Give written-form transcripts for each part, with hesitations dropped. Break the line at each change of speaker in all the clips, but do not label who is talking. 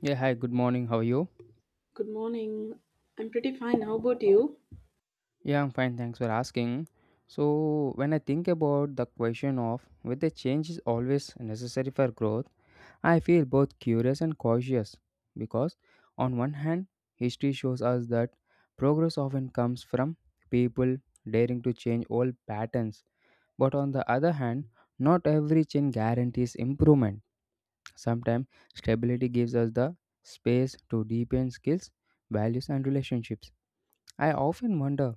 Yeah, hi, good morning. How are you?
Good morning. I'm pretty fine. How about you?
Yeah, I'm fine. Thanks for asking. So, when I think about the question of whether change is always necessary for growth, I feel both curious and cautious because, on one hand, history shows us that progress often comes from people daring to change old patterns, but on the other hand, not every change guarantees improvement. Sometimes, stability gives us the space to deepen skills, values, and relationships. I often wonder,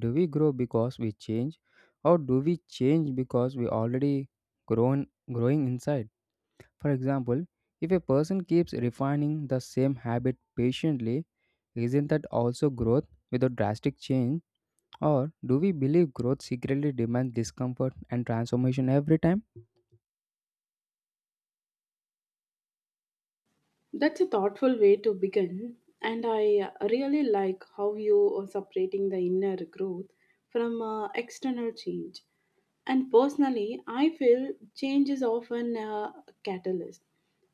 do we grow because we change, or do we change because we already grown, growing inside? For example, if a person keeps refining the same habit patiently, isn't that also growth without drastic change? Or do we believe growth secretly demands discomfort and transformation every time?
That's a thoughtful way to begin. And I really like how you are separating the inner growth from external change. And personally, I feel change is often a catalyst,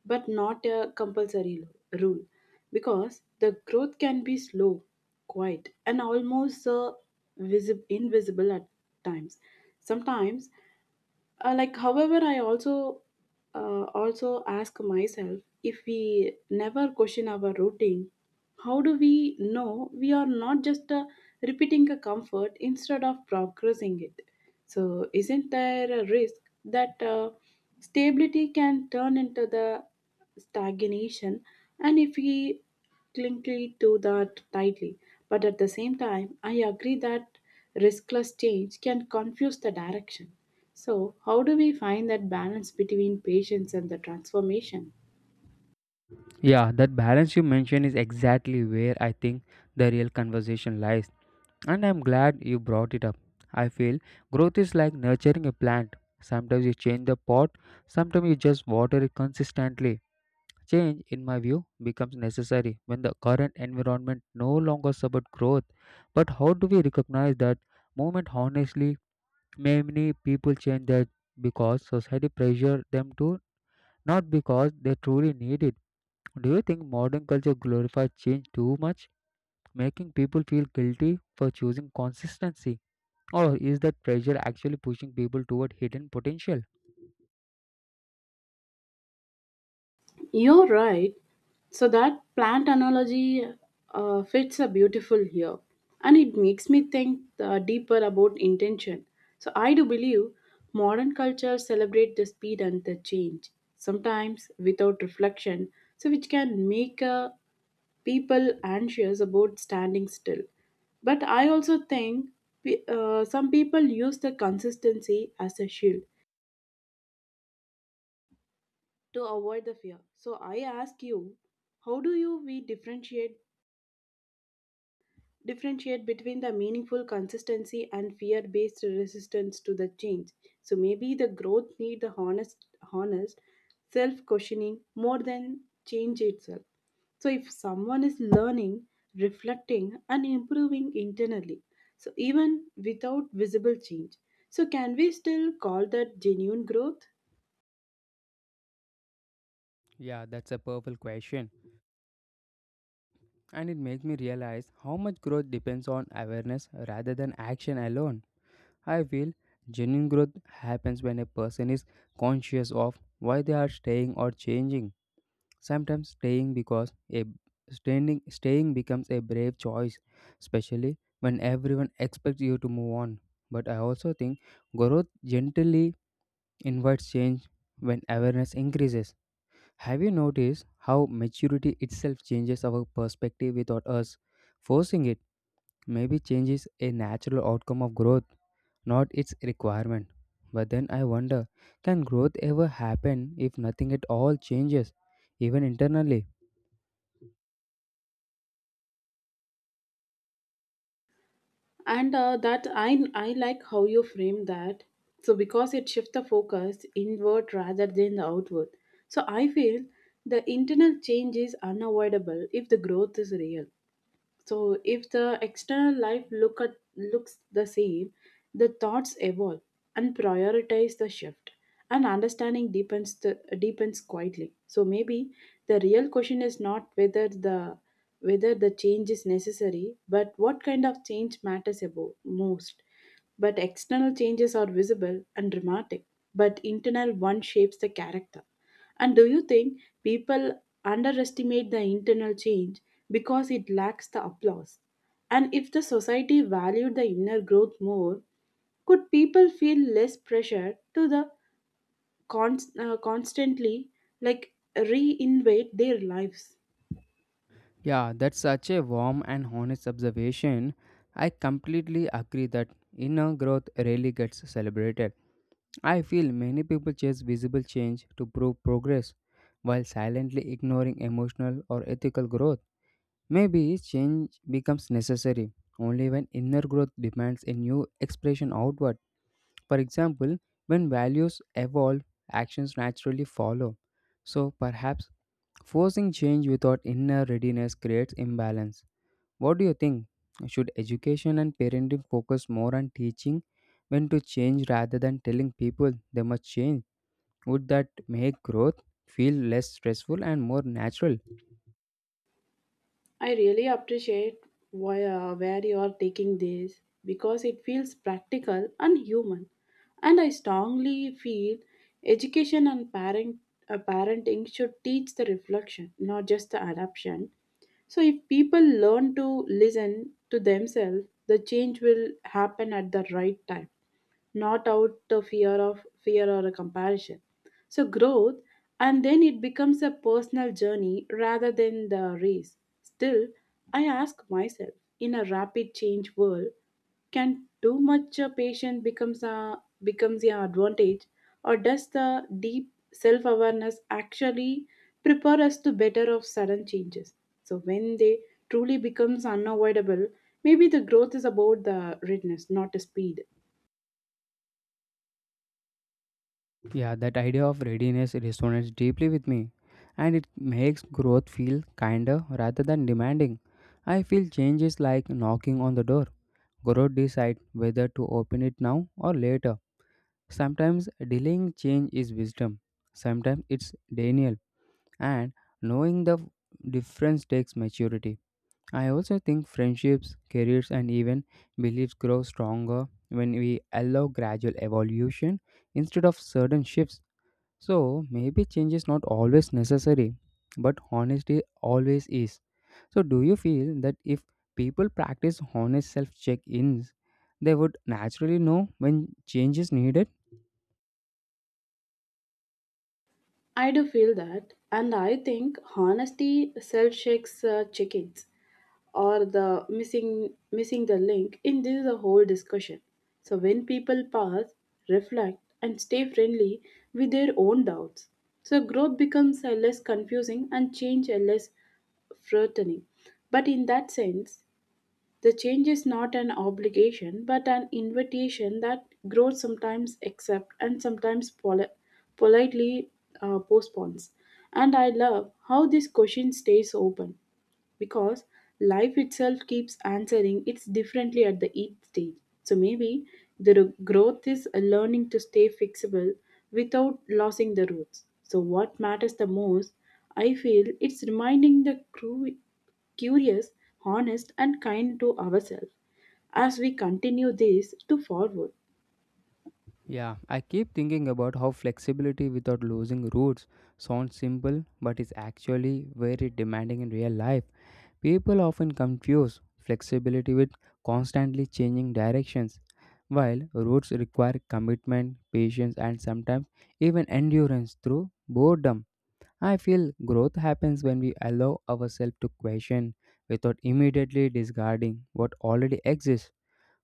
but not a compulsory rule, because the growth can be slow, quiet, and almost invisible at times. Sometimes like however I also also ask myself if we never question our routine, how do we know we are not just repeating a comfort instead of progressing it? So isn't there a risk that stability can turn into the stagnation, and if we clingly to that tightly. But at the same time, I agree that riskless change can confuse the direction. So, how do we find that balance between patience and the transformation?
Yeah, that balance you mentioned is exactly where I think the real conversation lies. And I'm glad you brought it up. I feel growth is like nurturing a plant. Sometimes you change the pot, sometimes you just water it consistently. Change, in my view, becomes necessary when the current environment no longer supports growth. But how do we recognize that moment honestly? Many people change that because society pressure them to, not because they truly need it. Do you think modern culture glorifies change too much, making people feel guilty for choosing consistency? Or is that pressure actually pushing people toward hidden potential?
You're right. So, that plant analogy fits a beautiful here. And it makes me think deeper about intention. So, I do believe modern culture celebrate the speed and the change, sometimes without reflection, so which can make a people anxious about standing still. But I also think some people use the consistency as a shield to avoid the fear. So I ask you, how do you we differentiate between the meaningful consistency and fear-based resistance to the change. So maybe the growth need the honest self-questioning more than change itself. So if someone is learning, reflecting, and improving internally, so even without visible change, so can we still call that genuine growth?
Yeah, that's a powerful question. And it makes me realize how much growth depends on awareness rather than action alone. I feel genuine growth happens when a person is conscious of why they are staying or changing. Sometimes staying because a staying becomes a brave choice, especially when everyone expects you to move on. But I also think growth gently inwards change when awareness increases. Have you noticed how maturity itself changes our perspective without us forcing it? Maybe change is a natural outcome of growth, not its requirement. But then I wonder, can growth ever happen if nothing at all changes, even internally?
And That I like how you frame that. So because it shifts the focus inward rather than the outward. So I feel the internal change is unavoidable if the growth is real. So if the external life looks the same, the thoughts evolve and prioritize the shift. And understanding deepens quietly. So maybe the real question is not whether the change is necessary, but what kind of change matters above most. But external changes are visible and dramatic, but internal one shapes the character. And do you think people underestimate the internal change because it lacks the applause? And if the society valued the inner growth more, could people feel less pressure to the constantly like reinvent their lives?
Yeah, that's such a warm and honest observation. I completely agree that inner growth rarely gets celebrated. I feel many people chase visible change to prove progress while silently ignoring emotional or ethical growth. Maybe change becomes necessary only when inner growth demands a new expression outward. For example, when values evolve, actions naturally follow. So perhaps forcing change without inner readiness creates imbalance. What do you think? Should education and parenting focus more on teaching when to change rather than telling people they must change? Would that make growth feel less stressful and more natural?
I really appreciate where you are taking this because it feels practical and human. And I strongly feel education and parenting should teach the reflection, not just the adoption. So if people learn to listen to themselves, the change will happen at the right time, not out the fear or a comparison. So growth, and then it becomes a personal journey rather than the race. Still, I ask myself, in a rapid change world, can too much patience becomes a becomes an advantage, or does the deep self awareness actually prepare us to better of sudden changes? So when they truly becomes unavoidable, maybe the growth is about the readiness, not the speed.
Yeah, that idea of readiness resonates deeply with me, and it makes growth feel kinder rather than demanding. I feel change is like knocking on the door. Growth decides whether to open it now or later. Sometimes delaying change is wisdom. Sometimes it's denial, and knowing the difference takes maturity. I also think friendships, careers, and even beliefs grow stronger when we allow gradual evolution instead of sudden shifts. So, maybe change is not always necessary, but honesty always is. So, do you feel that if people practice honest self check ins, they would naturally know when change is needed?
I do feel that, and I think honesty self shakes chickens or the missing the link in this the whole discussion. So when people pause, reflect, and stay friendly with their own doubts, so growth becomes less confusing and change less threatening. But in that sense, the change is not an obligation but an invitation that growth sometimes accepts and sometimes politely postpones. And I love how this question stays open because life itself keeps answering it's differently at the each stage. So maybe the growth is a learning to stay fixable without losing the roots. So what matters the most, I feel, it's reminding the curious, honest and kind to ourselves as we continue this to forward.
Yeah, I keep thinking about how flexibility without losing roots sounds simple but is actually very demanding in real life. People often confuse flexibility with constantly changing directions, while routes require commitment, patience, and sometimes even endurance through boredom. I feel growth happens when we allow ourselves to question without immediately discarding what already exists.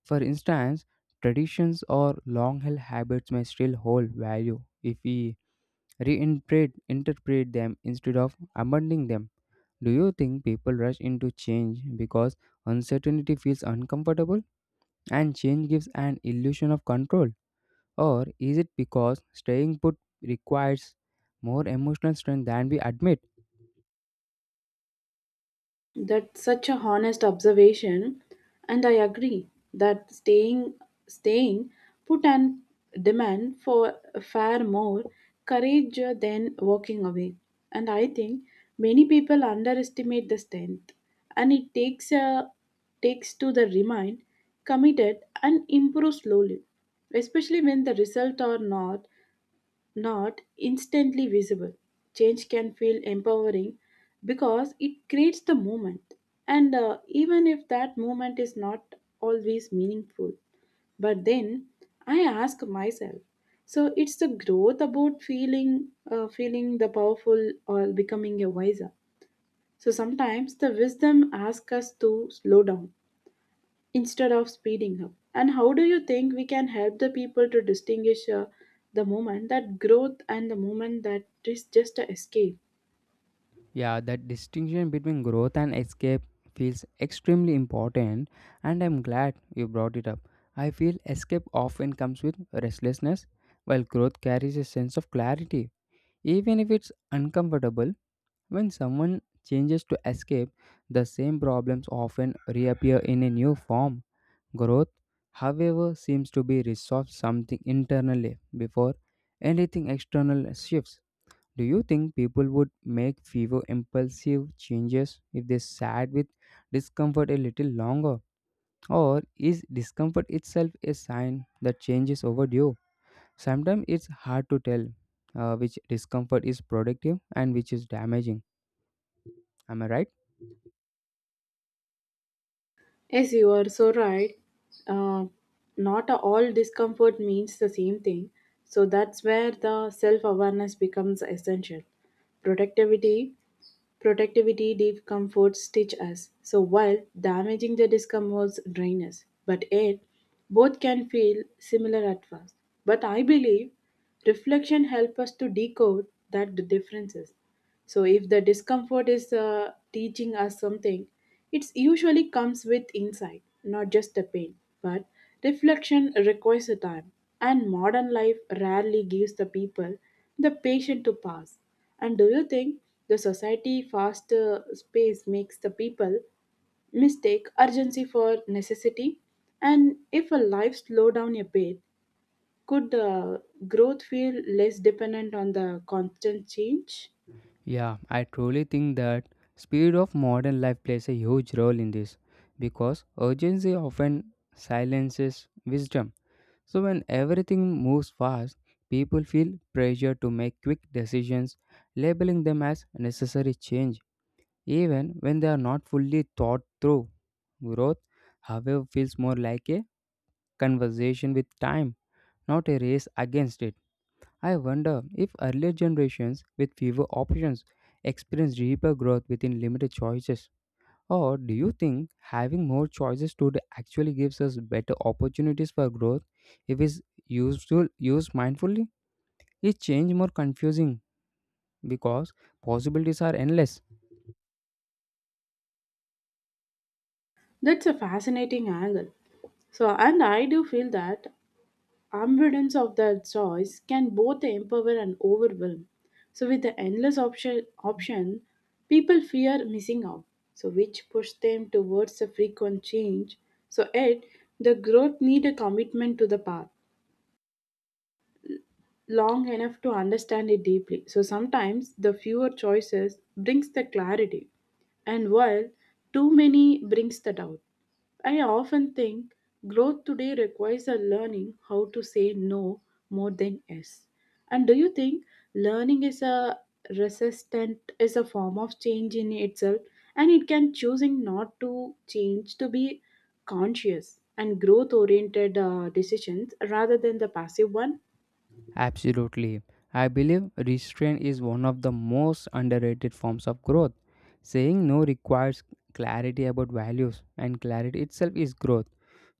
For instance, traditions or long held habits may still hold value if we reinterpret interpret them instead of abandoning them. Do you think people rush into change because uncertainty feels uncomfortable and change gives an illusion of control? Or is it because staying put requires more emotional strength than we admit?
That's such a honest observation, and I agree that staying put and demand for far more courage than walking away. And I think many people underestimate the strength, and it takes a takes to the remind, committed, and improve slowly, especially when the result are not instantly visible. Change can feel empowering because it creates the moment, and even if that moment is not always meaningful. But then I ask myself, so it's the growth about feeling the powerful or becoming a wiser. So sometimes the wisdom asks us to slow down instead of speeding up. And how do you think we can help the people to distinguish the moment that growth and the moment that is just a escape?
Yeah, that distinction between growth and escape feels extremely important, and I'm glad you brought it up. I feel escape often comes with restlessness, while growth carries a sense of clarity, even if it's uncomfortable. When someone changes to escape, the same problems often reappear in a new form. Growth, however, seems to be resolved something internally before anything external shifts. Do you think people would make fewer impulsive changes if they sat with discomfort a little longer? Or is discomfort itself a sign that change is overdue? Sometimes it's hard to tell which discomfort is productive and which is damaging. Am I right?
Yes, you are so right. Uh, Not all discomfort means the same thing. So that's where the self awareness becomes essential. Productivity Productivity discomforts teach us. So while damaging the discomforts drain us, but yet both can feel similar at first. But I believe reflection helps us to decode that the differences. So if the discomfort is teaching us something, it usually comes with insight, not just the pain. But reflection requires a time, and modern life rarely gives the people the patience to pass. And do you think the society fast pace makes the people mistake urgency for necessity? And if a life slow down a bit, could growth feel less dependent on the constant change?
Yeah, I truly think that speed of modern life plays a huge role in this because urgency often silences wisdom. So when everything moves fast, people feel pressure to make quick decisions, labeling them as necessary change even when they are not fully thought through. Growth, however, feels more like a conversation with time, not a race against it. I wonder if earlier generations with fewer options experienced deeper growth within limited choices. Or do you think having more choices today actually gives us better opportunities for growth if it's used mindfully? Is change more confusing because possibilities are endless?
That's a fascinating angle. So, and I do feel that Abundance of that choice can both empower and overwhelm. So, with the endless option, people fear missing out, so which push them towards a frequent change. So, yet the growth need a commitment to the path long enough to understand it deeply. So sometimes the fewer choices brings the clarity, and while too many brings the doubt. I often think growth today requires a learning how to say no more than yes. And do you think learning is a resistant is a form of change in itself, and it can choosing not to change to be conscious and growth oriented decisions rather than the passive one?
Absolutely. I believe restraint is one of the most underrated forms of growth. Saying no requires clarity about values, and clarity itself is growth.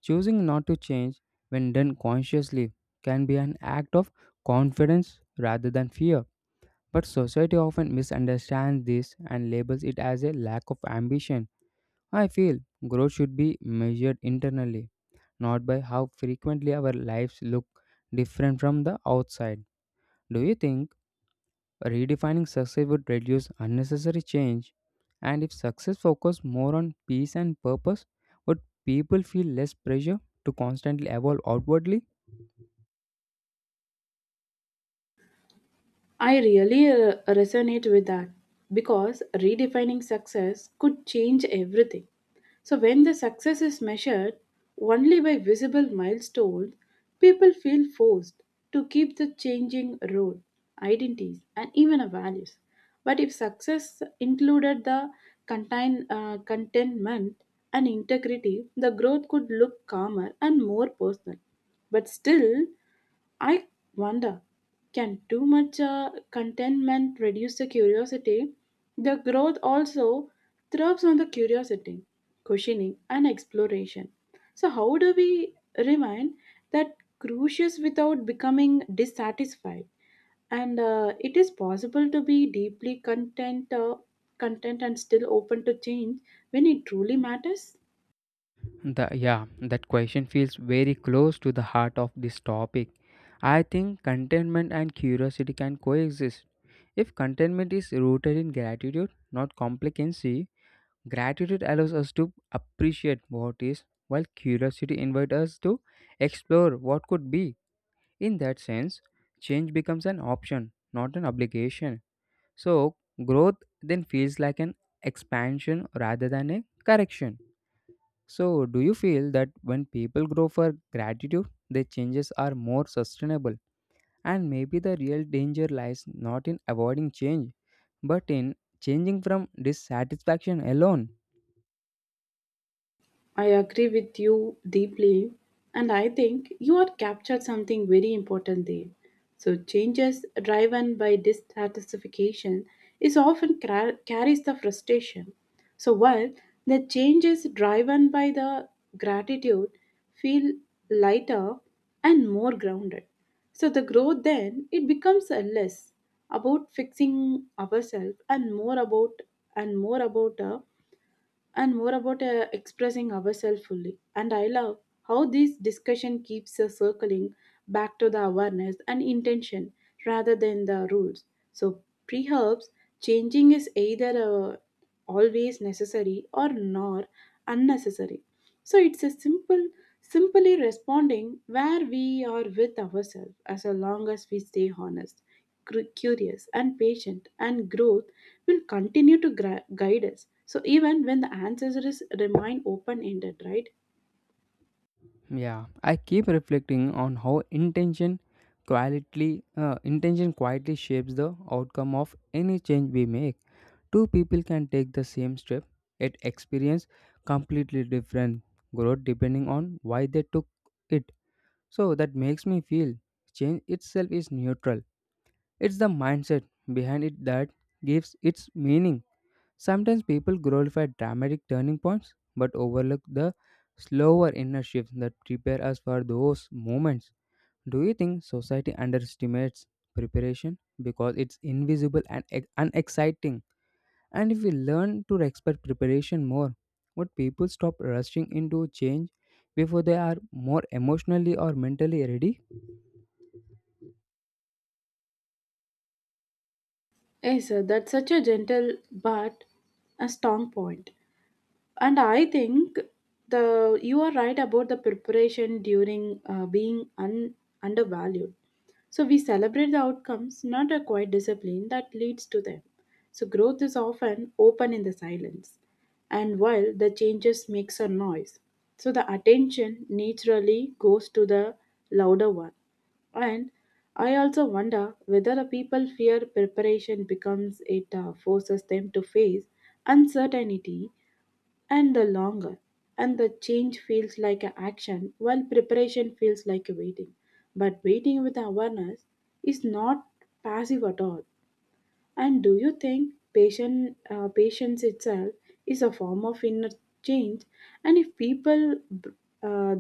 Choosing not to change when done consciously can be an act of confidence rather than fear. But society often misunderstands this and labels it as a lack of ambition. I feel growth should be measured internally, not by how frequently our lives look different from the outside. Do you think redefining success would reduce unnecessary change? And if success focused more on peace and purpose, would people feel less pressure to constantly evolve outwardly?
I really resonate with that because redefining success could change everything. So, when the success is measured only by visible milestones, people feel forced to keep the changing role, identities, and even our values. But if success included the contentment and integrity, the growth could look calmer and more personal. But still, I wonder, can too much contentment reduce the curiosity? The growth also thrives on the curiosity, questioning, and exploration. So, how do we remain that curious without becoming dissatisfied? And it is possible to be deeply content and still open to change when it truly matters.
Yeah, that question feels very close to the heart of this topic. I think contentment and curiosity can coexist. If contentment is rooted in gratitude, not complacency, gratitude allows us to appreciate what is, while curiosity invites us to explore what could be. In that sense, change becomes an option, not an obligation. So, growth then feels like an expansion rather than a correction. So, do you feel that when people grow for gratitude, their changes are more sustainable? And maybe the real danger lies not in avoiding change, but in changing from dissatisfaction alone.
I agree with you deeply, and I think you are captured something very important there. So, changes driven by dissatisfaction is often carries the frustration. So, while the changes driven by the gratitude feel lighter and more grounded. So, the growth then it becomes a less about fixing ourselves and more about a and more about expressing ourselves fully. And I love how this discussion keeps us circling back to the awareness and intention rather than the rules. So perhaps changing is either always necessary or nor unnecessary. So it's a simply responding where we are with ourselves, as long as we stay honest, curious, and patient, and growth will continue to guide us. So even when the answers is remain open ended, right?
Yeah, I keep reflecting on how intention quietly shapes the outcome of any change we make. Two people can take the same step yet experience completely different growth depending on why they took it. So that makes me feel change itself is neutral. It's the mindset behind it that gives its meaning. Sometimes people glorify dramatic turning points but overlook the slower inner shifts that prepare us for those moments. Do you think society underestimates preparation because it's invisible and unexciting? And if we learn to respect preparation more, would people stop rushing into change before they are more emotionally or mentally ready?
Yes, sir, that's such a gentle but a strong point. And I think the you are right about the preparation during being undervalued. So we celebrate the outcomes, not a quiet discipline that leads to them. So growth is often open in the silence, and while the changes makes a noise, so the attention naturally goes to the louder one. And I also wonder whether the people fear preparation becomes it forces them to face uncertainty and the longer. And the change feels like an action, while preparation feels like a waiting. But waiting with awareness is not passive at all. And do you think patience itself is a form of inner change? And if people uh,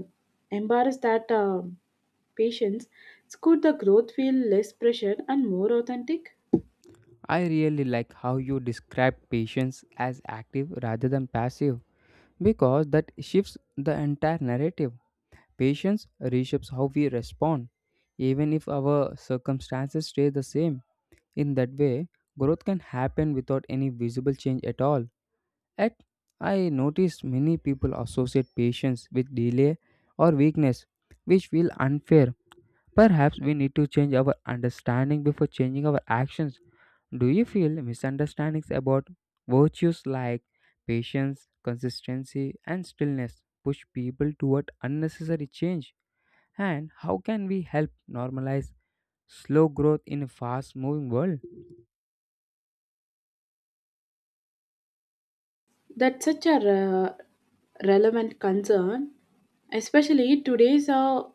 embrace that patience, could the growth feel less pressured and more authentic?
I really like how you describe patience as active rather than passive because that shifts the entire narrative. Patience reshapes how we respond, even if our circumstances stay the same. In that way, growth can happen without any visible change at all. At I noticed many people associate patience with delay or weakness, which feel unfair. Perhaps we need to change our understanding before changing our actions. Do you feel misunderstandings about virtues like patience, consistency, and stillness push people toward unnecessary change? And how can we help normalize slow growth in a fast moving world?
That's such a relevant concern, especially today's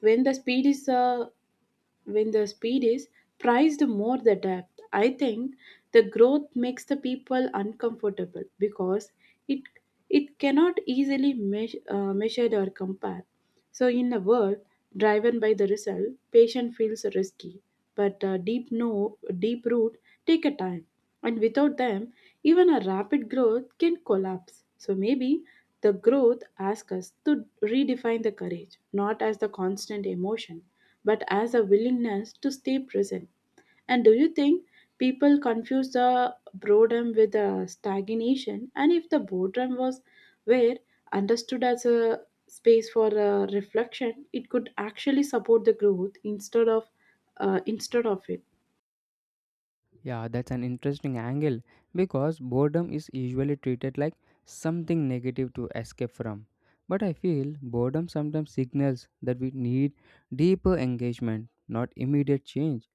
when the speed is uh, when the speed is prized more the depth. I think the growth makes the people uncomfortable because it it cannot easily measured or compare. So in a world driven by the result, patient feels risky but deep no deep root take a time, and without them even a rapid growth can collapse. So maybe the growth asks us to redefine the courage not as the constant emotion but as a willingness to stay present. And do you think people confuse the boredom with the stagnation? And if the boredom was where understood as a space for reflection, it could actually support the growth instead of it.
Yeah, that's an interesting angle because boredom is usually treated like something negative to escape from. But I feel boredom sometimes signals that we need deeper engagement, not immediate change.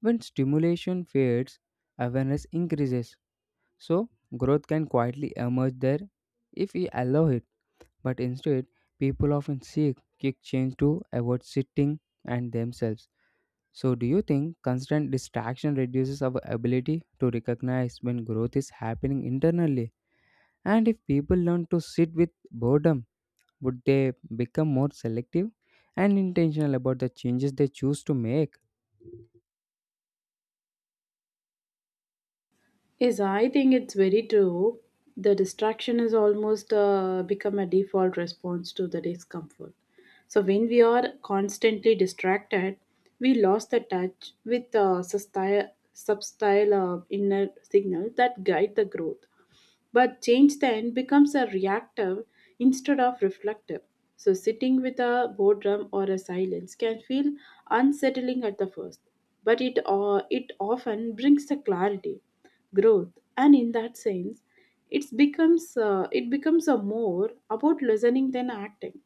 When stimulation fades, awareness increases. So, growth can quietly emerge there if we allow it. But instead, people often seek quick change to avoid sitting and themselves. So, do you think constant distraction reduces our ability to recognize when growth is happening internally? And if people learn to sit with boredom, would they become more selective and intentional about the changes they choose to make?
Yes, I think it's very true. The distraction is almost become a default response to the discomfort. So when we are constantly distracted, we lost the touch with substyle inner signal that guide the growth. But change then becomes a reactive instead of reflective. So sitting with a boredom or a silence can feel unsettling at the first, but it often brings the clarity growth, and in that sense it becomes a more about listening than acting.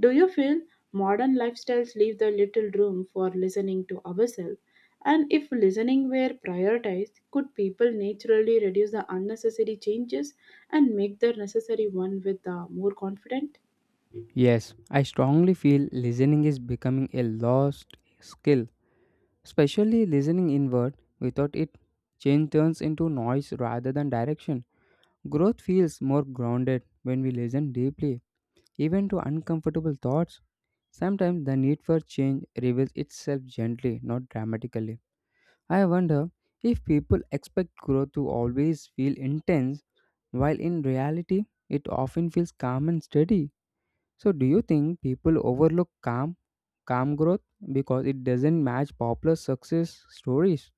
Do you feel modern lifestyles leave the little room for listening to ourselves, and if listening were prioritized, could people naturally reduce the unnecessary changes and make the necessary one with more confident?
Yes, I strongly feel listening is becoming a lost skill, especially listening inward. Without it, change turns into noise rather than direction. Growth feels more grounded when we listen deeply, even to uncomfortable thoughts. Sometimes the need for change reveals itself gently, not dramatically. I wonder if people expect growth to always feel intense, while in reality, it often feels calm and steady. So, do you think people overlook calm growth because it doesn't match popular success stories?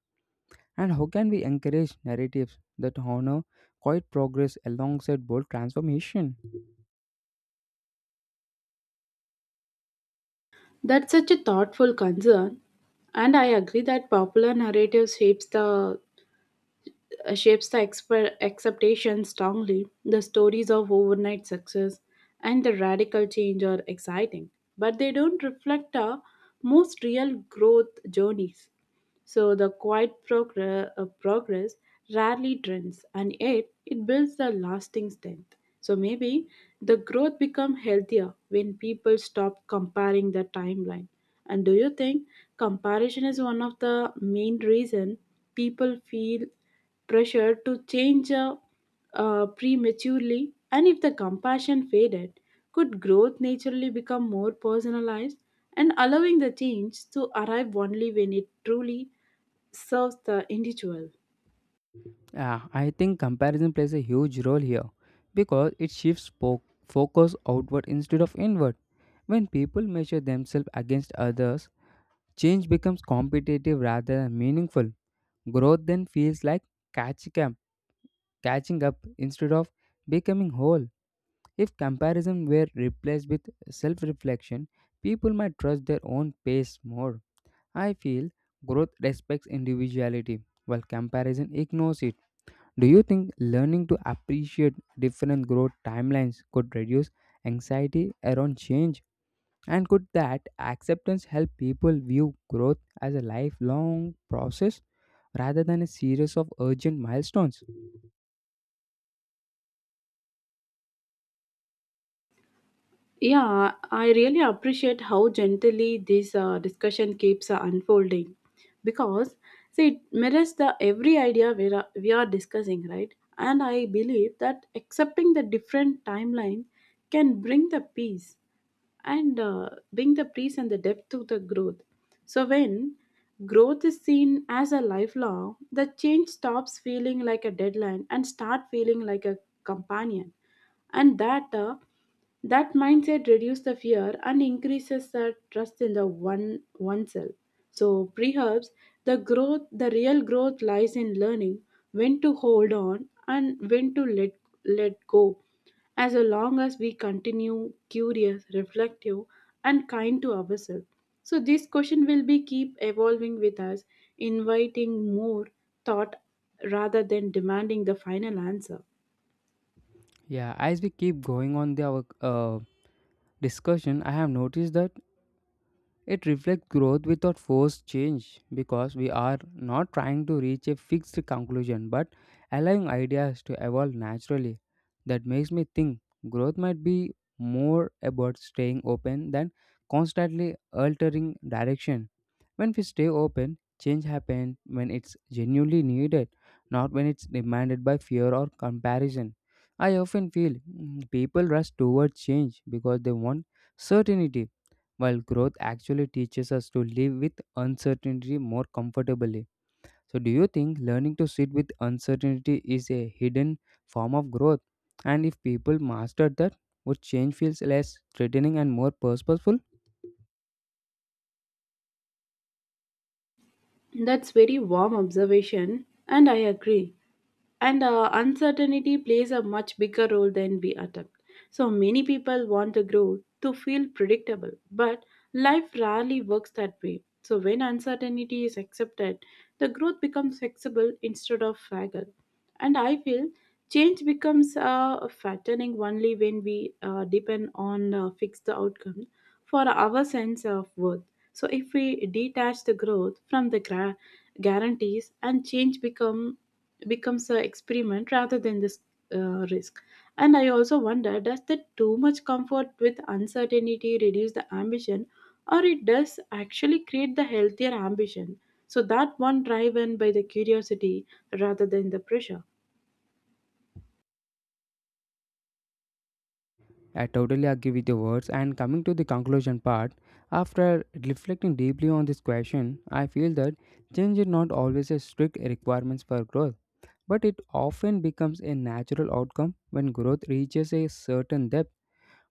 And how can we encourage narratives that honor quiet progress alongside bold transformation?
That's such a thoughtful concern, and I agree that popular narrative shapes the expectations strongly. The stories of overnight success and the radical change are exciting, but they don't reflect our most real growth journeys. So the quiet progress rarely trends, and yet it builds the lasting strength. So maybe the growth become healthier when people stop comparing the timeline. And do you think comparison is one of the main reason people feel pressure to change prematurely, and if the compassion faded, could growth naturally become more personalized and allowing the change to arrive only when it truly serves the individual?
Yeah, I think comparison plays a huge role here because it shifts focus outward instead of inward. When people measure themselves against others, change becomes competitive rather than meaningful. Growth then feels like catching up, catching up instead of becoming whole. If comparison were replaced with self reflection, people might trust their own pace more. I feel growth respects individuality while comparison ignores it. Do you think learning to appreciate different growth timelines could reduce anxiety around change? And could that acceptance help people view growth as a lifelong process rather than a series of urgent milestones?
Yeah, I really appreciate how gently this discussion keeps unfolding, because see, it mirrors the every idea we are discussing, right? And I believe that accepting the different timeline can bring the peace and the depth to the growth. So when growth is seen as a lifelong, the change stops feeling like a deadline and start feeling like a companion, and that mindset reduces the fear and increases the trust in the one oneself. So perhaps the growth, the real growth lies in learning when to hold on and when to let go, as long as we continue curious, reflective, and kind to ourselves. So this question will be keep evolving with us, inviting more thought rather than demanding the final answer.
Yeah, as we keep going on our discussion, I have noticed that it reflects growth without forced change because we are not trying to reach a fixed conclusion but allowing ideas to evolve naturally. That makes me think growth might be more about staying open than constantly altering direction. When we stay open, change happens when it's genuinely needed, not when it's demanded by fear or comparison. I often feel people rush towards change because they want certainty while growth actually teaches us to live with uncertainty more comfortably. So, do you think learning to sit with uncertainty is a hidden form of growth? And if people mastered that, would change feels less threatening and more purposeful?
That's very warm observation, and I agree. And uncertainty plays a much bigger role than we attempt. So many people want to grow to feel predictable, but life rarely works that way. So when uncertainty is accepted, the growth becomes flexible instead of fragile. And I feel change becomes fattening only when we depend on fixed outcome for our sense of worth. So if we detach the growth from the guarantees, and change becomes an experiment rather than this risk. And I also wonder, does the too much comfort with uncertainty reduce the ambition, or it does actually create the healthier ambition? So that one driven by the curiosity rather than the pressure.
I totally agree with your words. And coming to the conclusion part, after reflecting deeply on this question, I feel that change is not always a strict requirement for growth, but it often becomes a natural outcome when growth reaches a certain depth.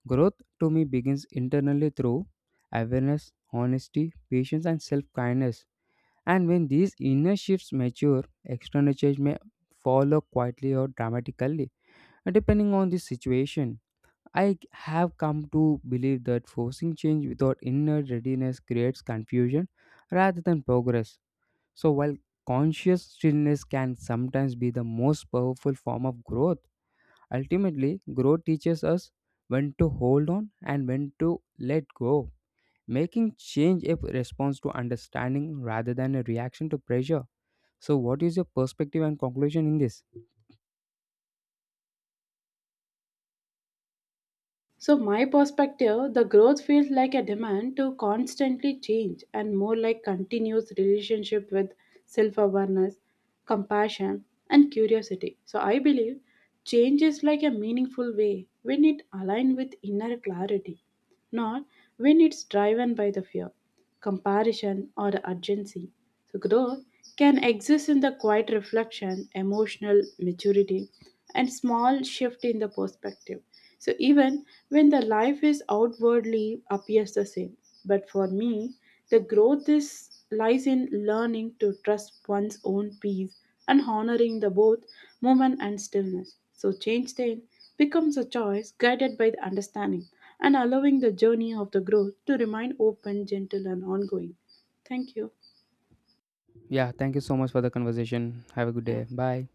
Growth to me begins internally through awareness, honesty, patience, and self kindness. And when these inner shifts mature, external change may follow quietly or dramatically, depending on the situation. I have come to believe that forcing change without inner readiness creates confusion rather than progress. So, while conscious stillness can sometimes be the most powerful form of growth, ultimately, growth teaches us when to hold on and when to let go, making change a response to understanding rather than a reaction to pressure. So, what is your perspective and conclusion in this?
So, my perspective, the growth feels like a demand to constantly change and more like continuous relationship with self awareness, compassion, and curiosity. So, I believe change is like a meaningful way when it aligns with inner clarity, not when it's driven by the fear, comparison, or urgency. So, growth can exist in the quiet reflection, emotional maturity, and small shift in the perspective. So, even when the life is outwardly appears the same, but for me, the growth is lies in learning to trust one's own peace and honoring the both movement and stillness. So, change then becomes a choice guided by the understanding and allowing the journey of the growth to remain open, gentle, and ongoing. Thank you.
Yeah, thank you so much for the conversation. Have a good
Yeah.
day. Bye.